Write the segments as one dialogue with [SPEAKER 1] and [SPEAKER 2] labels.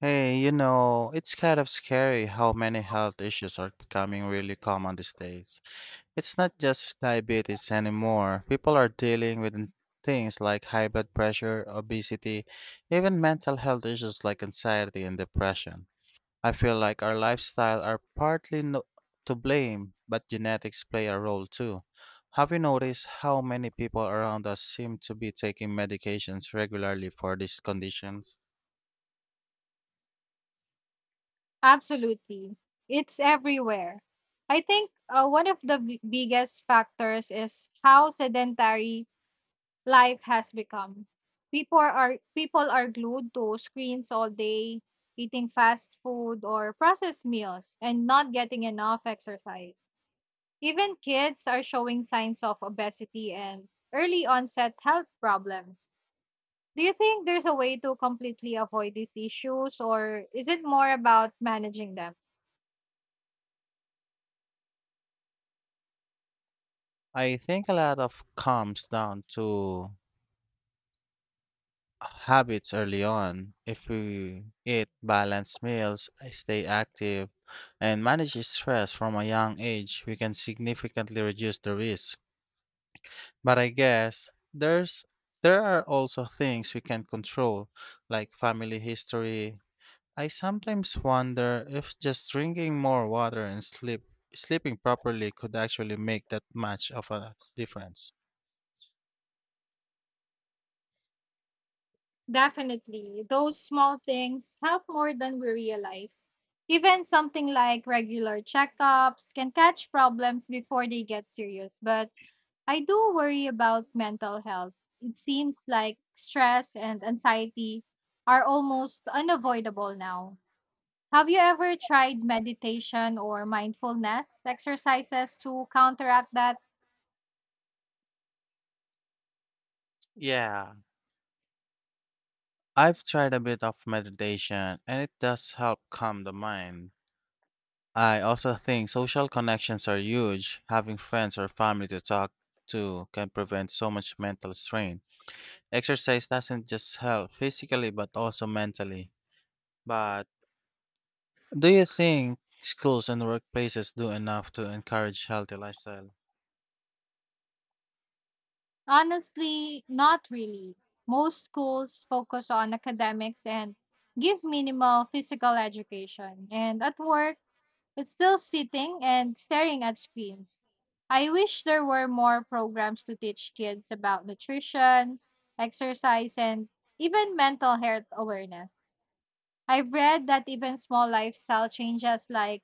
[SPEAKER 1] Hey, you know, it's kind of scary how many health issues are becoming really common these days. It's not just diabetes anymore. People are dealing with things like high blood pressure, obesity, even mental health issues like anxiety and depression. I feel like our lifestyle are partly to blame, but genetics play a role too. Have you noticed how many people around us seem to be taking medications regularly for these conditions?
[SPEAKER 2] Absolutely. It's everywhere. I think one of the biggest factors is how sedentary life has become. People are glued to screens all day, eating fast food or processed meals and not getting enough exercise. Even kids are showing signs of obesity and early onset health problems. Do you think there's a way to completely avoid these issues or is it more about managing them?
[SPEAKER 1] I think a lot of comes down to habits early on. If we eat balanced meals, I stay active, and manage stress from a young age, we can significantly reduce the risk. But I guess there are also things we can control, like family history. I sometimes wonder if just drinking more water and sleeping properly could actually make that much of a difference.
[SPEAKER 2] Definitely. Those small things help more than we realize. Even something like regular checkups can catch problems before they get serious. But I do worry about mental health. It seems like stress and anxiety are almost unavoidable now. Have you ever tried meditation or mindfulness exercises to counteract that?
[SPEAKER 1] Yeah, I've tried a bit of meditation and it does help calm the mind. I also think social connections are huge. Having friends or family to talk to can prevent so much mental strain. Exercise doesn't just help physically but also mentally. But do you think schools and workplaces do enough to encourage healthy lifestyle?
[SPEAKER 2] Honestly, not really. Most schools focus on academics and give minimal physical education. And at work, it's still sitting and staring at screens. I wish there were more programs to teach kids about nutrition, exercise, and even mental health awareness. I've read that even small lifestyle changes like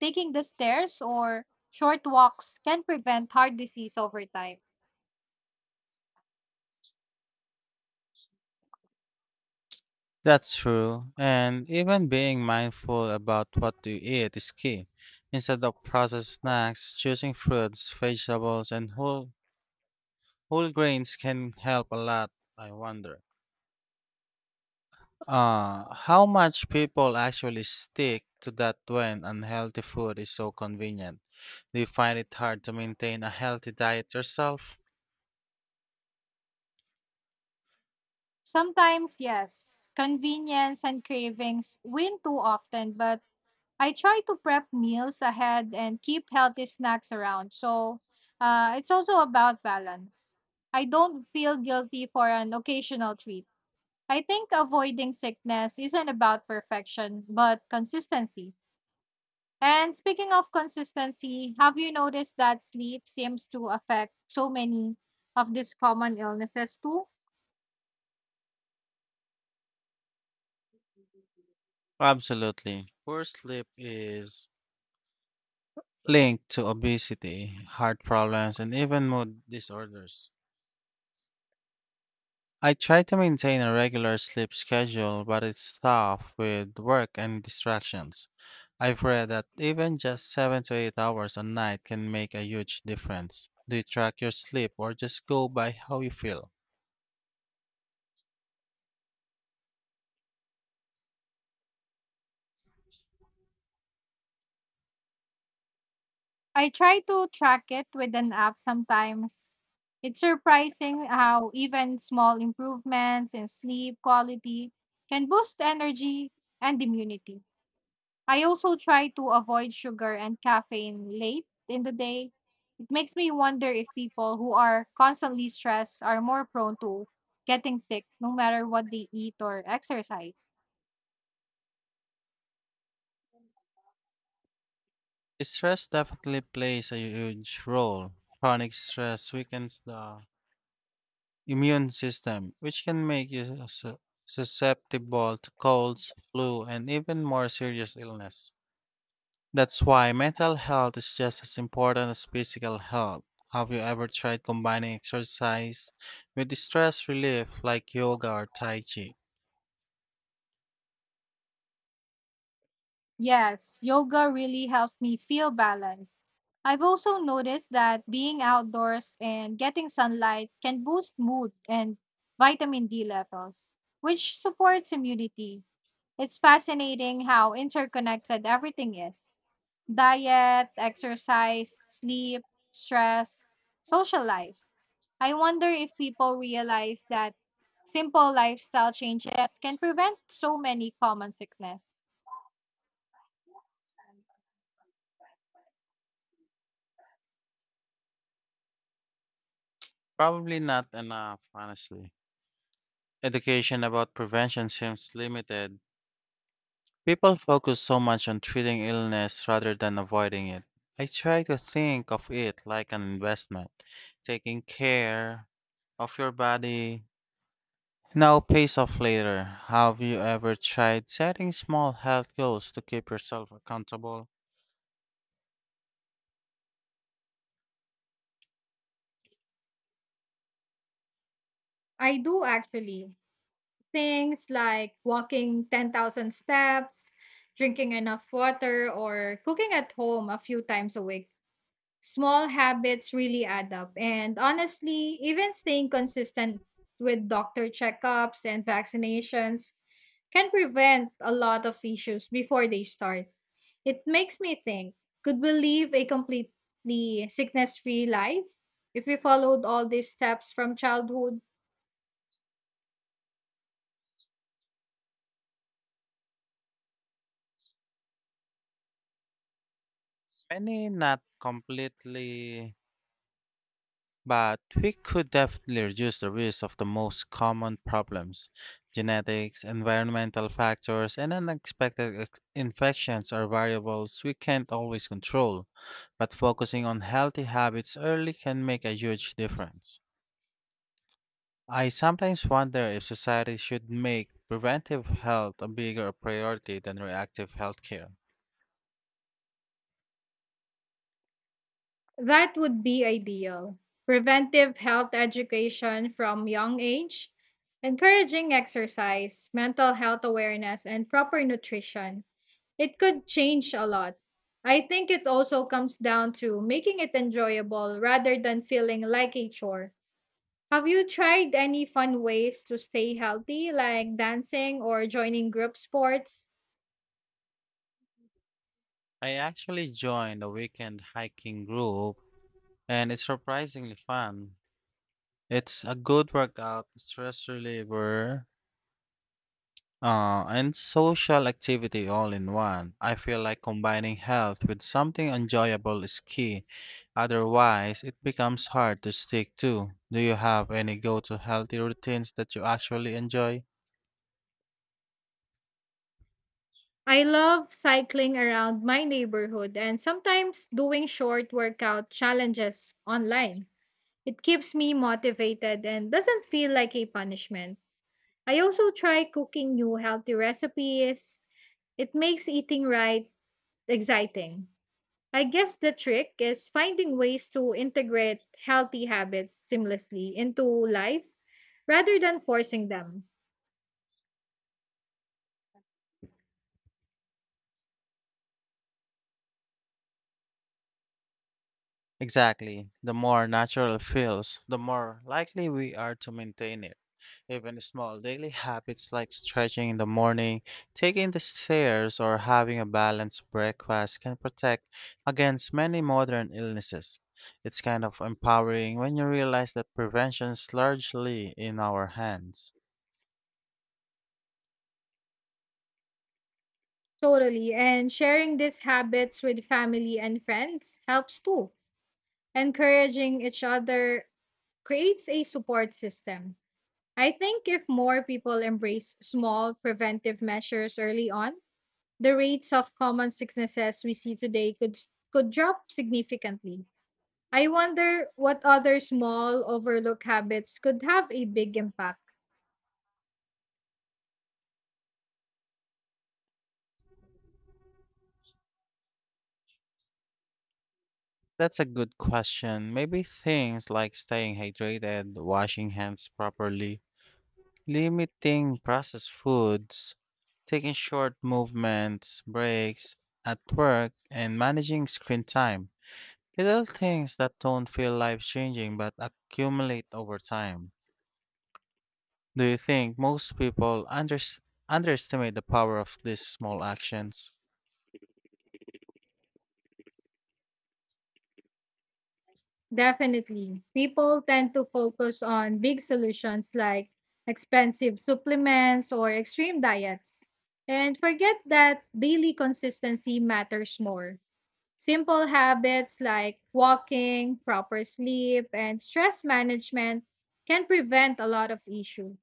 [SPEAKER 2] taking the stairs or short walks can prevent heart disease over time.
[SPEAKER 1] That's true. And even being mindful about what you eat is key. Instead of processed snacks, choosing fruits, vegetables, and whole grains can help a lot, I wonder. How much people actually stick to that when unhealthy food is so convenient? Do you find it hard to maintain a healthy diet yourself?
[SPEAKER 2] Sometimes, yes, convenience and cravings win too often, but I try to prep meals ahead and keep healthy snacks around. So it's also about balance. I don't feel guilty for an occasional treat. I think avoiding sickness isn't about perfection, but consistency. And speaking of consistency, have you noticed that sleep seems to affect so many of these common illnesses too?
[SPEAKER 1] Absolutely. Poor sleep is linked to obesity, heart problems, and even mood disorders. I try to maintain a regular sleep schedule, but it's tough with work and distractions. I've read that even just 7 to 8 hours a night can make a huge difference. Do you track your sleep or just go by how you feel?
[SPEAKER 2] I try to track it with an app sometimes. It's surprising how even small improvements in sleep quality can boost energy and immunity. I also try to avoid sugar and caffeine late in the day. It makes me wonder if people who are constantly stressed are more prone to getting sick no matter what they eat or exercise.
[SPEAKER 1] Stress definitely plays a huge role. Chronic stress weakens the immune system, which can make you susceptible to colds, flu, and even more serious illness. That's why mental health is just as important as physical health. Have you ever tried combining exercise with stress relief like yoga or Tai Chi?
[SPEAKER 2] Yes, yoga really helps me feel balanced. I've also noticed that being outdoors and getting sunlight can boost mood and vitamin D levels, which supports immunity. It's fascinating how interconnected everything is: diet, exercise, sleep, stress, social life. I wonder if people realize that simple lifestyle changes can prevent so many common sickness.
[SPEAKER 1] Probably not enough, honestly. Education about prevention seems limited. People focus so much on treating illness rather than avoiding it. I try to think of it like an investment, taking care of your body, now, pay off later. Have you ever tried setting small health goals to keep yourself accountable?
[SPEAKER 2] I do actually. Things like walking 10,000 steps, drinking enough water, or cooking at home a few times a week. Small habits really add up. And honestly, even staying consistent with doctor checkups and vaccinations can prevent a lot of issues before they start. It makes me think, could we live a completely sickness free life if we followed all these steps from childhood?
[SPEAKER 1] Any not completely, but we could definitely reduce the risk of the most common problems. Genetics, environmental factors, and unexpected infections are variables we can't always control, but focusing on healthy habits early can make a huge difference. I sometimes wonder if society should make preventive health a bigger priority than reactive healthcare.
[SPEAKER 2] That would be ideal. Preventive health education from young age, encouraging exercise, mental health awareness, and proper nutrition. It could change a lot. I think it also comes down to making it enjoyable rather than feeling like a chore. Have you tried any fun ways to stay healthy, like dancing or joining group sports?
[SPEAKER 1] I actually joined a weekend hiking group and it's surprisingly fun. It's a good workout, stress reliever, and social activity all in one. I feel like combining health with something enjoyable is key. Otherwise, it becomes hard to stick to. Do you have any go to healthy routines that you actually enjoy?
[SPEAKER 2] I love cycling around my neighborhood and sometimes doing short workout challenges online. It keeps me motivated and doesn't feel like a punishment. I also try cooking new healthy recipes. It makes eating right exciting. I guess the trick is finding ways to integrate healthy habits seamlessly into life rather than forcing them.
[SPEAKER 1] Exactly. The more natural it feels, the more likely we are to maintain it. Even small daily habits like stretching in the morning, taking the stairs, or having a balanced breakfast can protect against many modern illnesses. It's kind of empowering when you realize that prevention is largely in our hands.
[SPEAKER 2] Totally. And sharing these habits with family and friends helps too. Encouraging each other creates a support system. I think if more people embrace small preventive measures early on, the rates of common sicknesses we see today could drop significantly. I wonder what other small overlooked habits could have a big impact.
[SPEAKER 1] That's a good question. Maybe things like staying hydrated, washing hands properly, limiting processed foods, taking short movements, breaks at work, and managing screen time. Little things that don't feel life changing but accumulate over time. Do you think most people unders underestimate the power of these small actions?
[SPEAKER 2] Definitely. People tend to focus on big solutions like expensive supplements or extreme diets and forget that daily consistency matters more. Simple habits like walking, proper sleep, and stress management can prevent a lot of issue.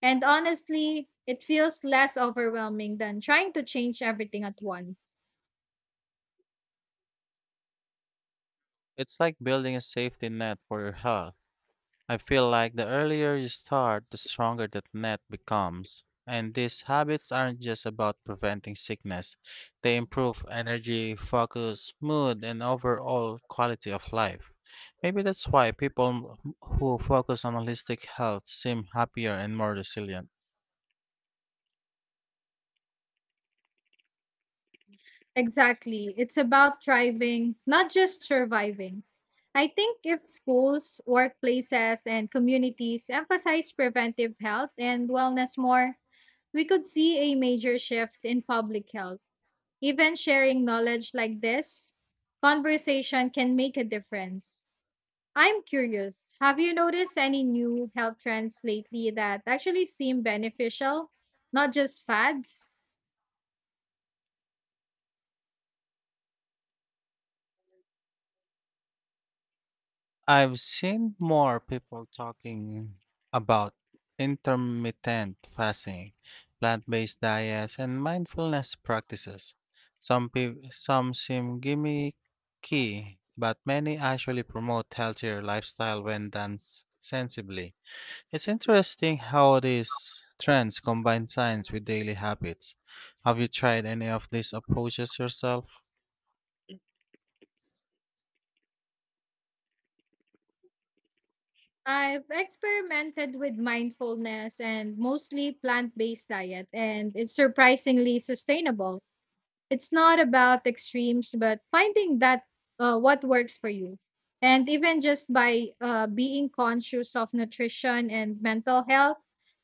[SPEAKER 2] And honestly, it feels less overwhelming than trying to change everything at once.
[SPEAKER 1] It's like building a safety net for your health. I feel like the earlier you start, the stronger that net becomes. And these habits aren't just about preventing sickness, they improve energy, focus, mood, and overall quality of life. Maybe that's why people who focus on holistic health seem happier and more resilient.
[SPEAKER 2] Exactly. It's about thriving, not just surviving. I think if schools, workplaces, and communities emphasize preventive health and wellness more, we could see a major shift in public health. Even sharing knowledge like this, conversation can make a difference. I'm curious, have you noticed any new health trends lately that actually seem beneficial, not just fads?
[SPEAKER 1] I've seen more people talking about intermittent fasting, plant-based diets, and mindfulness practices. Some seem gimmicky, but many actually promote healthier lifestyle when done sensibly. It's interesting how these trends combine science with daily habits. Have you tried any of these approaches yourself?
[SPEAKER 2] I've experimented with mindfulness and mostly plant based diet, and it's surprisingly sustainable. It's not about extremes, but finding that what works for you. And even just by being conscious of nutrition and mental health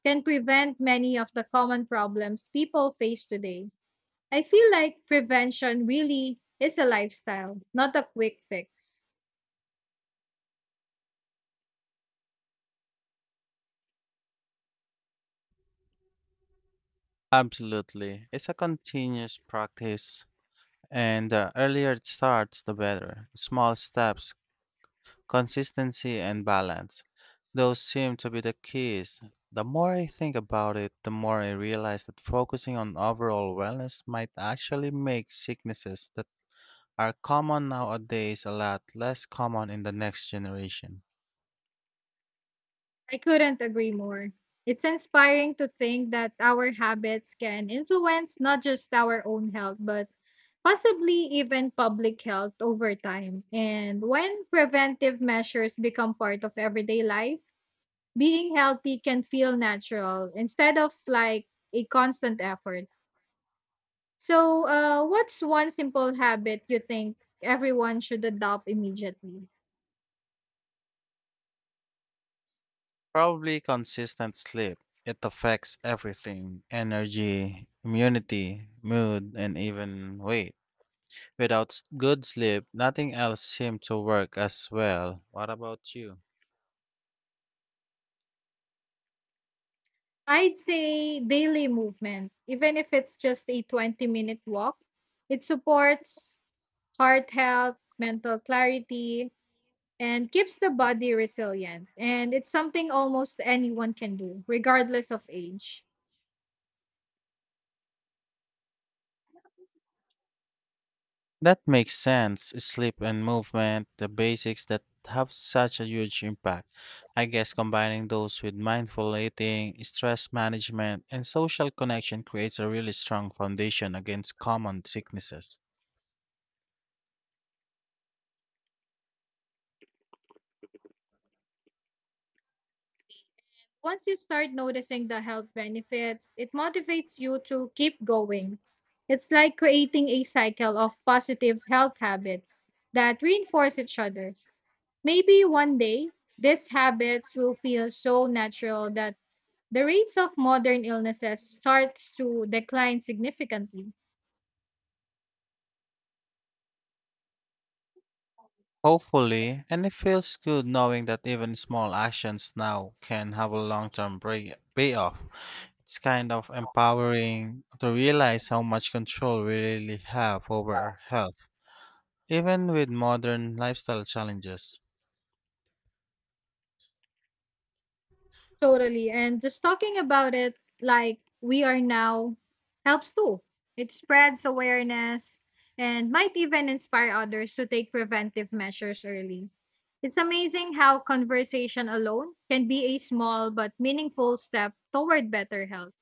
[SPEAKER 2] can prevent many of the common problems people face today. I feel like prevention really is a lifestyle, not a quick fix.
[SPEAKER 1] Absolutely. It's a continuous practice and the earlier it starts, the better. Small steps, consistency, and balance. Those seem to be the keys. The more I think about it, the more I realize that focusing on overall wellness might actually make sicknesses that are common nowadays a lot less common in the next generation.
[SPEAKER 2] I couldn't agree more. It's inspiring to think that our habits can influence not just our own health, but possibly even public health over time. And when preventive measures become part of everyday life, being healthy can feel natural instead of like a constant effort. So, what's one simple habit you think everyone should adopt immediately?
[SPEAKER 1] Probably consistent sleep. It affects everything energy, immunity, mood, and even weight. Without good sleep, nothing else seemed to work as well. What about you?
[SPEAKER 2] I'd say daily movement, even if it's just a 20-minute minute walk. It supports heart health, mental clarity, and keeps the body resilient. And it's something almost anyone can do, regardless of age.
[SPEAKER 1] That makes sense. Sleep and movement, the basics that have such a huge impact. I guess combining those with mindful eating, stress management, and social connection creates a really strong foundation against common sicknesses.
[SPEAKER 2] Once you start noticing the health benefits, it motivates you to keep going. It's like creating a cycle of positive health habits that reinforce each other. Maybe one day, these habits will feel so natural that the rates of modern illnesses starts to decline significantly.
[SPEAKER 1] Hopefully, and it feels good knowing that even small actions now can have a long term payoff. It's kind of empowering to realize how much control we really have over our health, even with modern lifestyle challenges.
[SPEAKER 2] Totally. And just talking about it like we are now helps too. It spreads awareness and might even inspire others to take preventive measures early. It's amazing how conversation alone can be a small but meaningful step toward better health.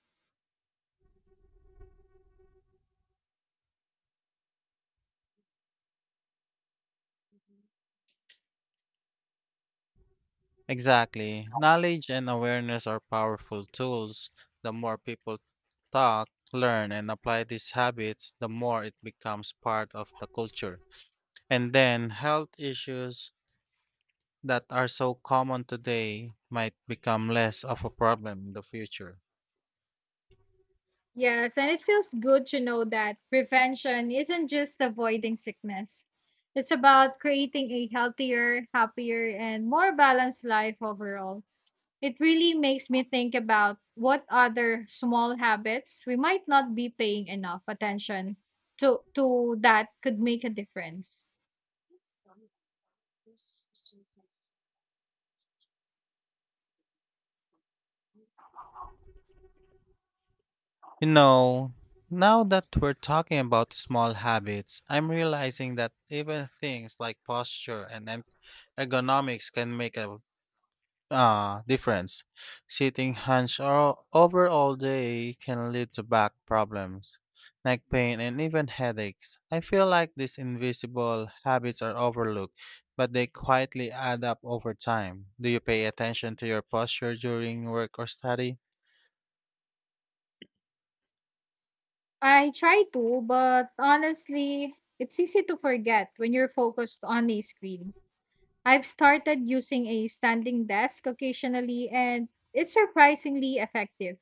[SPEAKER 1] Exactly. Knowledge and awareness are powerful tools. The more people talk, learn, and apply these habits, the more it becomes part of the culture. And then health issues that are so common today might become less of a problem in the future.
[SPEAKER 2] Yes, and it feels good to know that prevention isn't just avoiding sickness. It's about creating a healthier, happier, and more balanced life overall. It really makes me think about what other small habits we might not be paying enough attention to that could make a difference.
[SPEAKER 1] You know, now that we're talking about small habits, I'm realizing that even things like posture and ergonomics can make a difference. Sitting hunched over all day can lead to back problems, neck pain, and even headaches. I feel like these invisible habits are overlooked, but they quietly add up over time. Do you pay attention to your posture during work or study?
[SPEAKER 2] I try to, but honestly, it's easy to forget when you're focused on a screen. I've started using a standing desk occasionally, and it's surprisingly effective.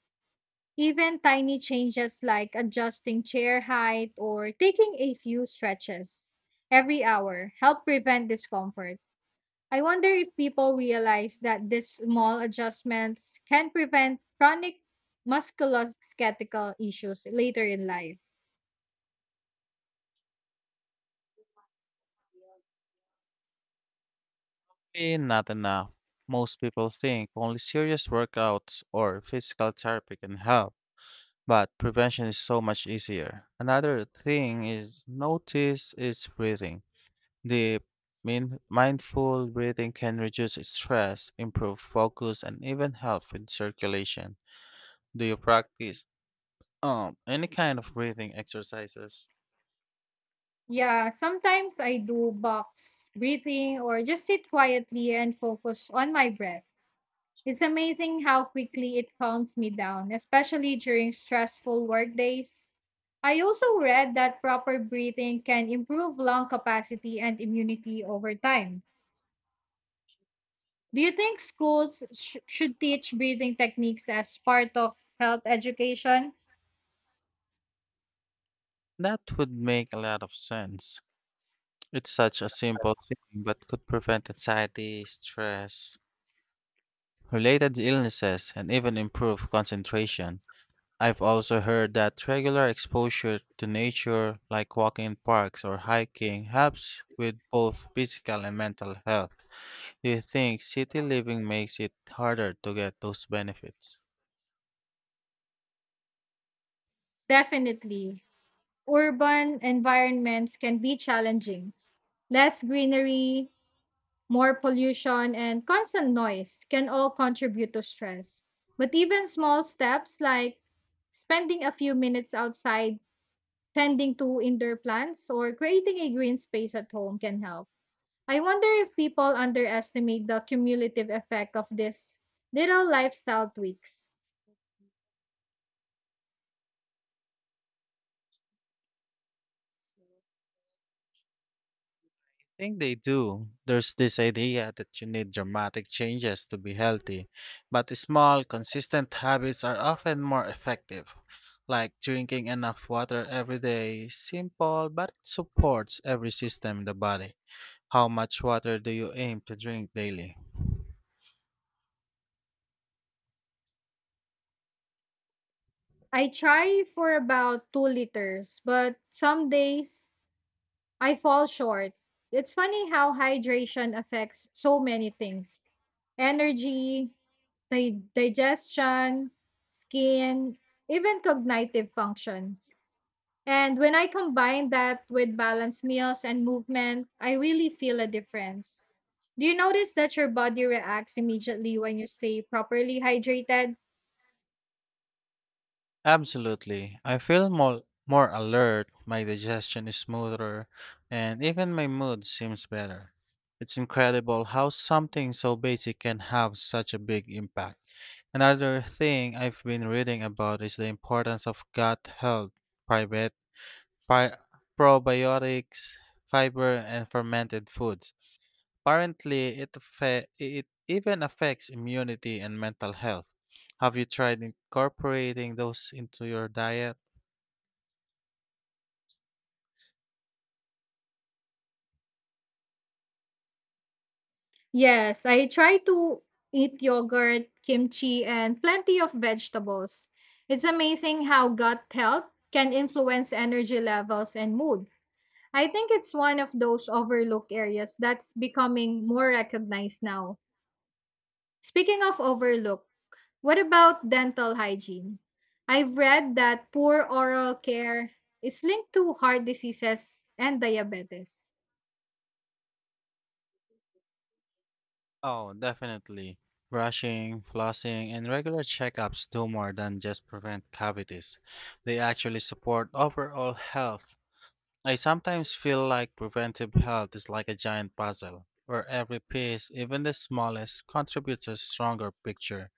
[SPEAKER 2] Even tiny changes like adjusting chair height or taking a few stretches every hour help prevent discomfort. I wonder if people realize that these small adjustments can prevent chronic musculoskeletal issues later in life.
[SPEAKER 1] Not enough. Most people think only serious workouts or physical therapy can help but prevention is so much easier. Another thing is notice is breathing. The mindful breathing can reduce stress, improve focus, and even help with circulation. Do you practice any kind of breathing exercises?
[SPEAKER 2] Yeah, sometimes I do box breathing or just sit quietly and focus on my breath. It's amazing how quickly it calms me down, especially during stressful work days. I also read that proper breathing can improve lung capacity and immunity over time. Do you think schools should teach breathing techniques as part of health education?
[SPEAKER 1] That would make a lot of sense. It's such a simple thing, but could prevent anxiety, stress, related illnesses, and even improve concentration. I've also heard that regular exposure to nature, like walking in parks or hiking, helps with both physical and mental health. Do you think city living makes it harder to get those benefits?
[SPEAKER 2] Definitely. Urban environments can be challenging. Less greenery, more pollution, and constant noise can all contribute to stress. But even small steps like spending a few minutes outside, tending to indoor plants, or creating a green space at home can help. I wonder if people underestimate the cumulative effect of these little lifestyle tweaks.
[SPEAKER 1] I think they do. There's this idea that you need dramatic changes to be healthy, but small, consistent habits are often more effective, like drinking enough water every day. Simple, but it supports every system in the body. How much water do you aim to drink daily?
[SPEAKER 2] I try for about 2 liters, but some days I fall short. It's funny how hydration affects so many things: energy, di digestion, skin, even cognitive function. And when I combine that with balanced meals and movement, I really feel a difference. Do you notice that your body reacts immediately when you stay properly hydrated?
[SPEAKER 1] Absolutely. I feel more alert, my digestion is smoother, and even my mood seems better. It's incredible how something so basic can have such a big impact. Another thing I've been reading about is the importance of gut health, private, pi- probiotics, fiber, and fermented foods. Apparently, it even affects immunity and mental health. Have you tried incorporating those into your diet?
[SPEAKER 2] Yes, I try to eat yogurt, kimchi, and plenty of vegetables. It's amazing how gut health can influence energy levels and mood. I think it's one of those overlooked areas that's becoming more recognized now. Speaking of overlooked, what about dental hygiene? I've read that poor oral care is linked to heart diseases and diabetes.
[SPEAKER 1] Oh, definitely. Brushing, flossing, and regular checkups do more than just prevent cavities. They actually support overall health. I sometimes feel like preventive health is like a giant puzzle, where every piece, even the smallest, contributes to a stronger picture.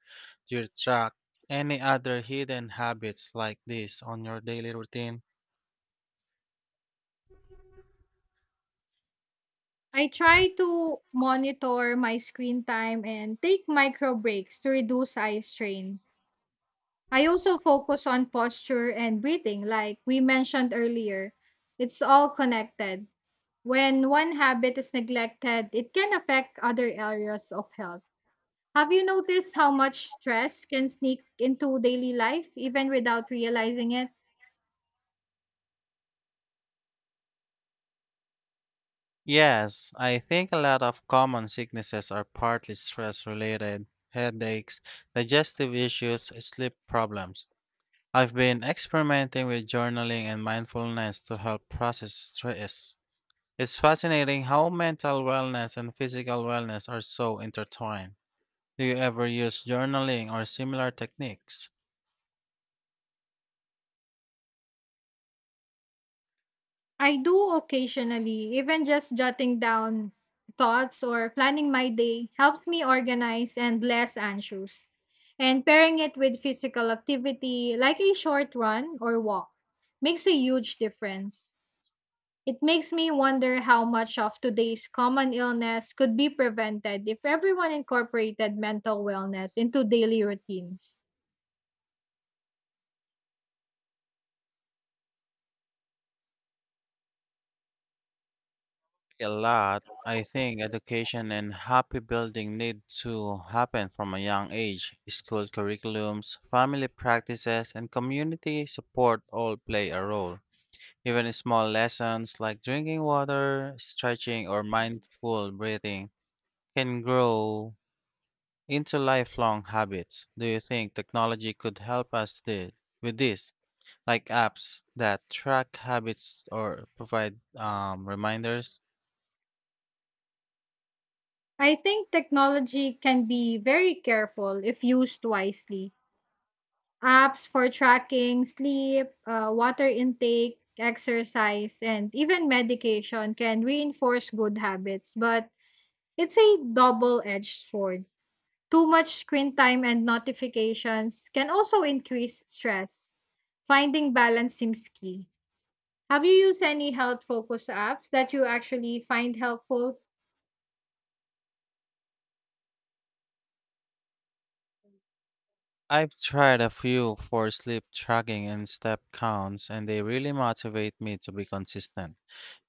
[SPEAKER 1] Do you track any other hidden habits like this on your daily routine?
[SPEAKER 2] I try to monitor my screen time and take micro breaks to reduce eye strain. I also focus on posture and breathing, like we mentioned earlier. It's all connected. When one habit is neglected, it can affect other areas of health. Have you noticed how much stress can sneak into daily life even without realizing it?
[SPEAKER 1] Yes, I think a lot of common sicknesses are partly stress related headaches, digestive issues, sleep problems. I've been experimenting with journaling and mindfulness to help process stress. It's fascinating how mental wellness and physical wellness are so intertwined. Do you ever use journaling or similar techniques?
[SPEAKER 2] I do occasionally, even just jotting down thoughts or planning my day helps me organize and less anxious. And pairing it with physical activity like a short run or walk makes a huge difference. It makes me wonder how much of today's common illness could be prevented if everyone incorporated mental wellness into daily routines.
[SPEAKER 1] A lot. I think education and happy building need to happen from a young age. School curriculums, family practices, and community support all play a role. Even small lessons like drinking water, stretching, or mindful breathing can grow into lifelong habits. Do you think technology could help us with this, like apps that track habits or provide reminders?
[SPEAKER 2] I think technology can be very careful if used wisely. Apps for tracking sleep, water intake, exercise, and even medication can reinforce good habits, but it's a double edged sword. Too much screen time and notifications can also increase stress. Finding balance seems key. Have you used any health focused apps that you actually find helpful?
[SPEAKER 1] I've tried a few for sleep tracking and step counts, and they really motivate me to be consistent.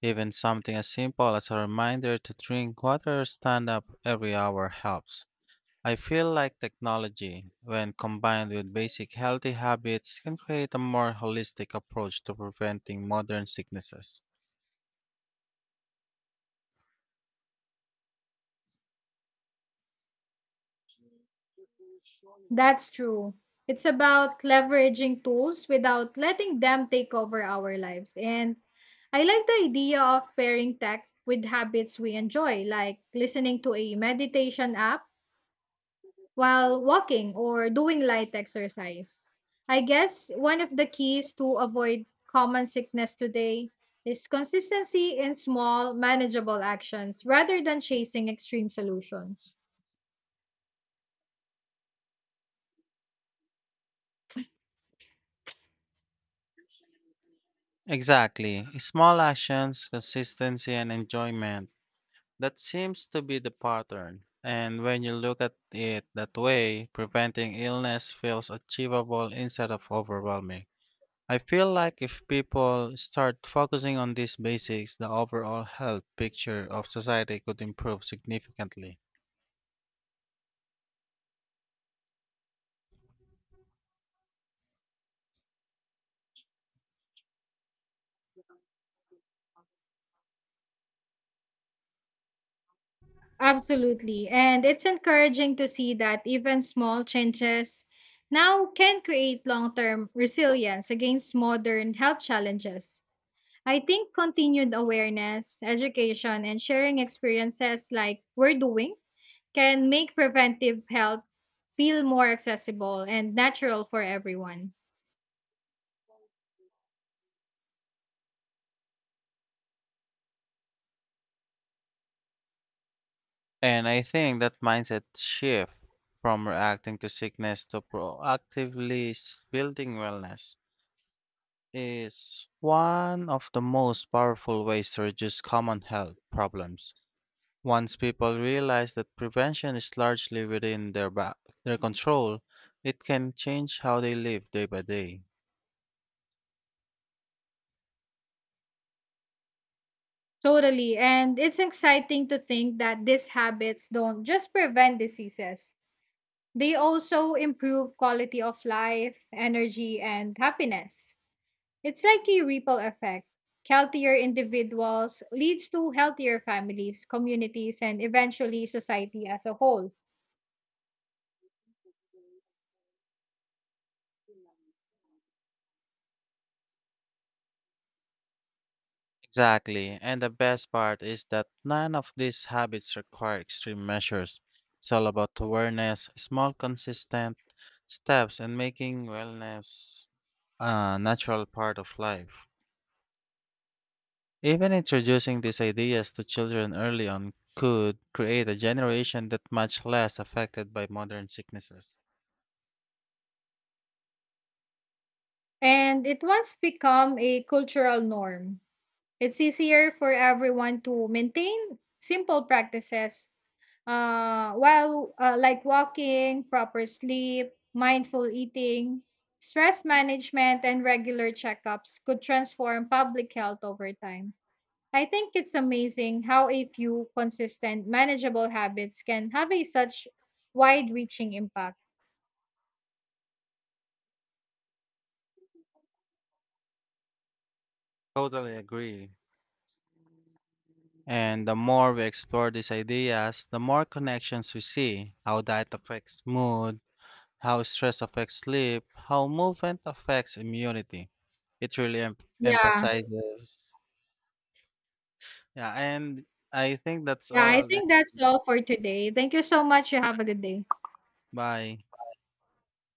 [SPEAKER 1] Even something as simple as a reminder to drink water or stand up every hour helps. I feel like technology, when combined with basic healthy habits, can create a more holistic approach to preventing modern sicknesses.
[SPEAKER 2] That's true. It's about leveraging tools without letting them take over our lives. And I like the idea of pairing tech with habits we enjoy, like listening to a meditation app while walking or doing light exercise. I guess one of the keys to avoid common sickness today is consistency in small, manageable actions rather than chasing extreme solutions.
[SPEAKER 1] Exactly. Small actions, consistency, and enjoyment that seems to be the pattern. And when you look at it that way, preventing illness feels achievable instead of overwhelming. I feel like if people start focusing on these basics, the overall health picture of society could improve significantly.
[SPEAKER 2] Absolutely. And it's encouraging to see that even small changes now can create long term resilience against modern health challenges. I think continued awareness, education, and sharing experiences like we're doing can make preventive health feel more accessible and natural for everyone.
[SPEAKER 1] And I think that mindset shift from reacting to sickness to proactively building wellness is one of the most powerful ways to reduce common health problems. Once people realize that prevention is largely within their control, it can change how they live day by day.
[SPEAKER 2] Totally. And it's exciting to think that these habits don't just prevent diseases, they also improve quality of life, energy, and happiness. It's like a ripple effect. Healthier individuals leads to healthier families, communities, and eventually society as a whole.
[SPEAKER 1] Exactly, and the best part is that none of these habits require extreme measures. It's all about awareness, small, consistent steps, and making wellness a natural part of life. Even introducing these ideas to children early on could create a generation that much less affected by modern sicknesses.
[SPEAKER 2] And it once become a cultural norm. It's easier for everyone to maintain simple practices while like walking, proper sleep, mindful eating, stress management, and regular checkups could transform public health over time. I think it's amazing how a few consistent, manageable habits can have a such wide reaching impact.
[SPEAKER 1] Totally agree. And the more we explore these ideas, the more connections we see how diet affects mood, how stress affects sleep, how movement affects immunity. It really
[SPEAKER 2] Yeah.
[SPEAKER 1] emphasizes. Yeah, and I think that's
[SPEAKER 2] Yeah, I
[SPEAKER 1] all.
[SPEAKER 2] think that's all for today. Thank you so much. You have a good day.
[SPEAKER 1] Bye.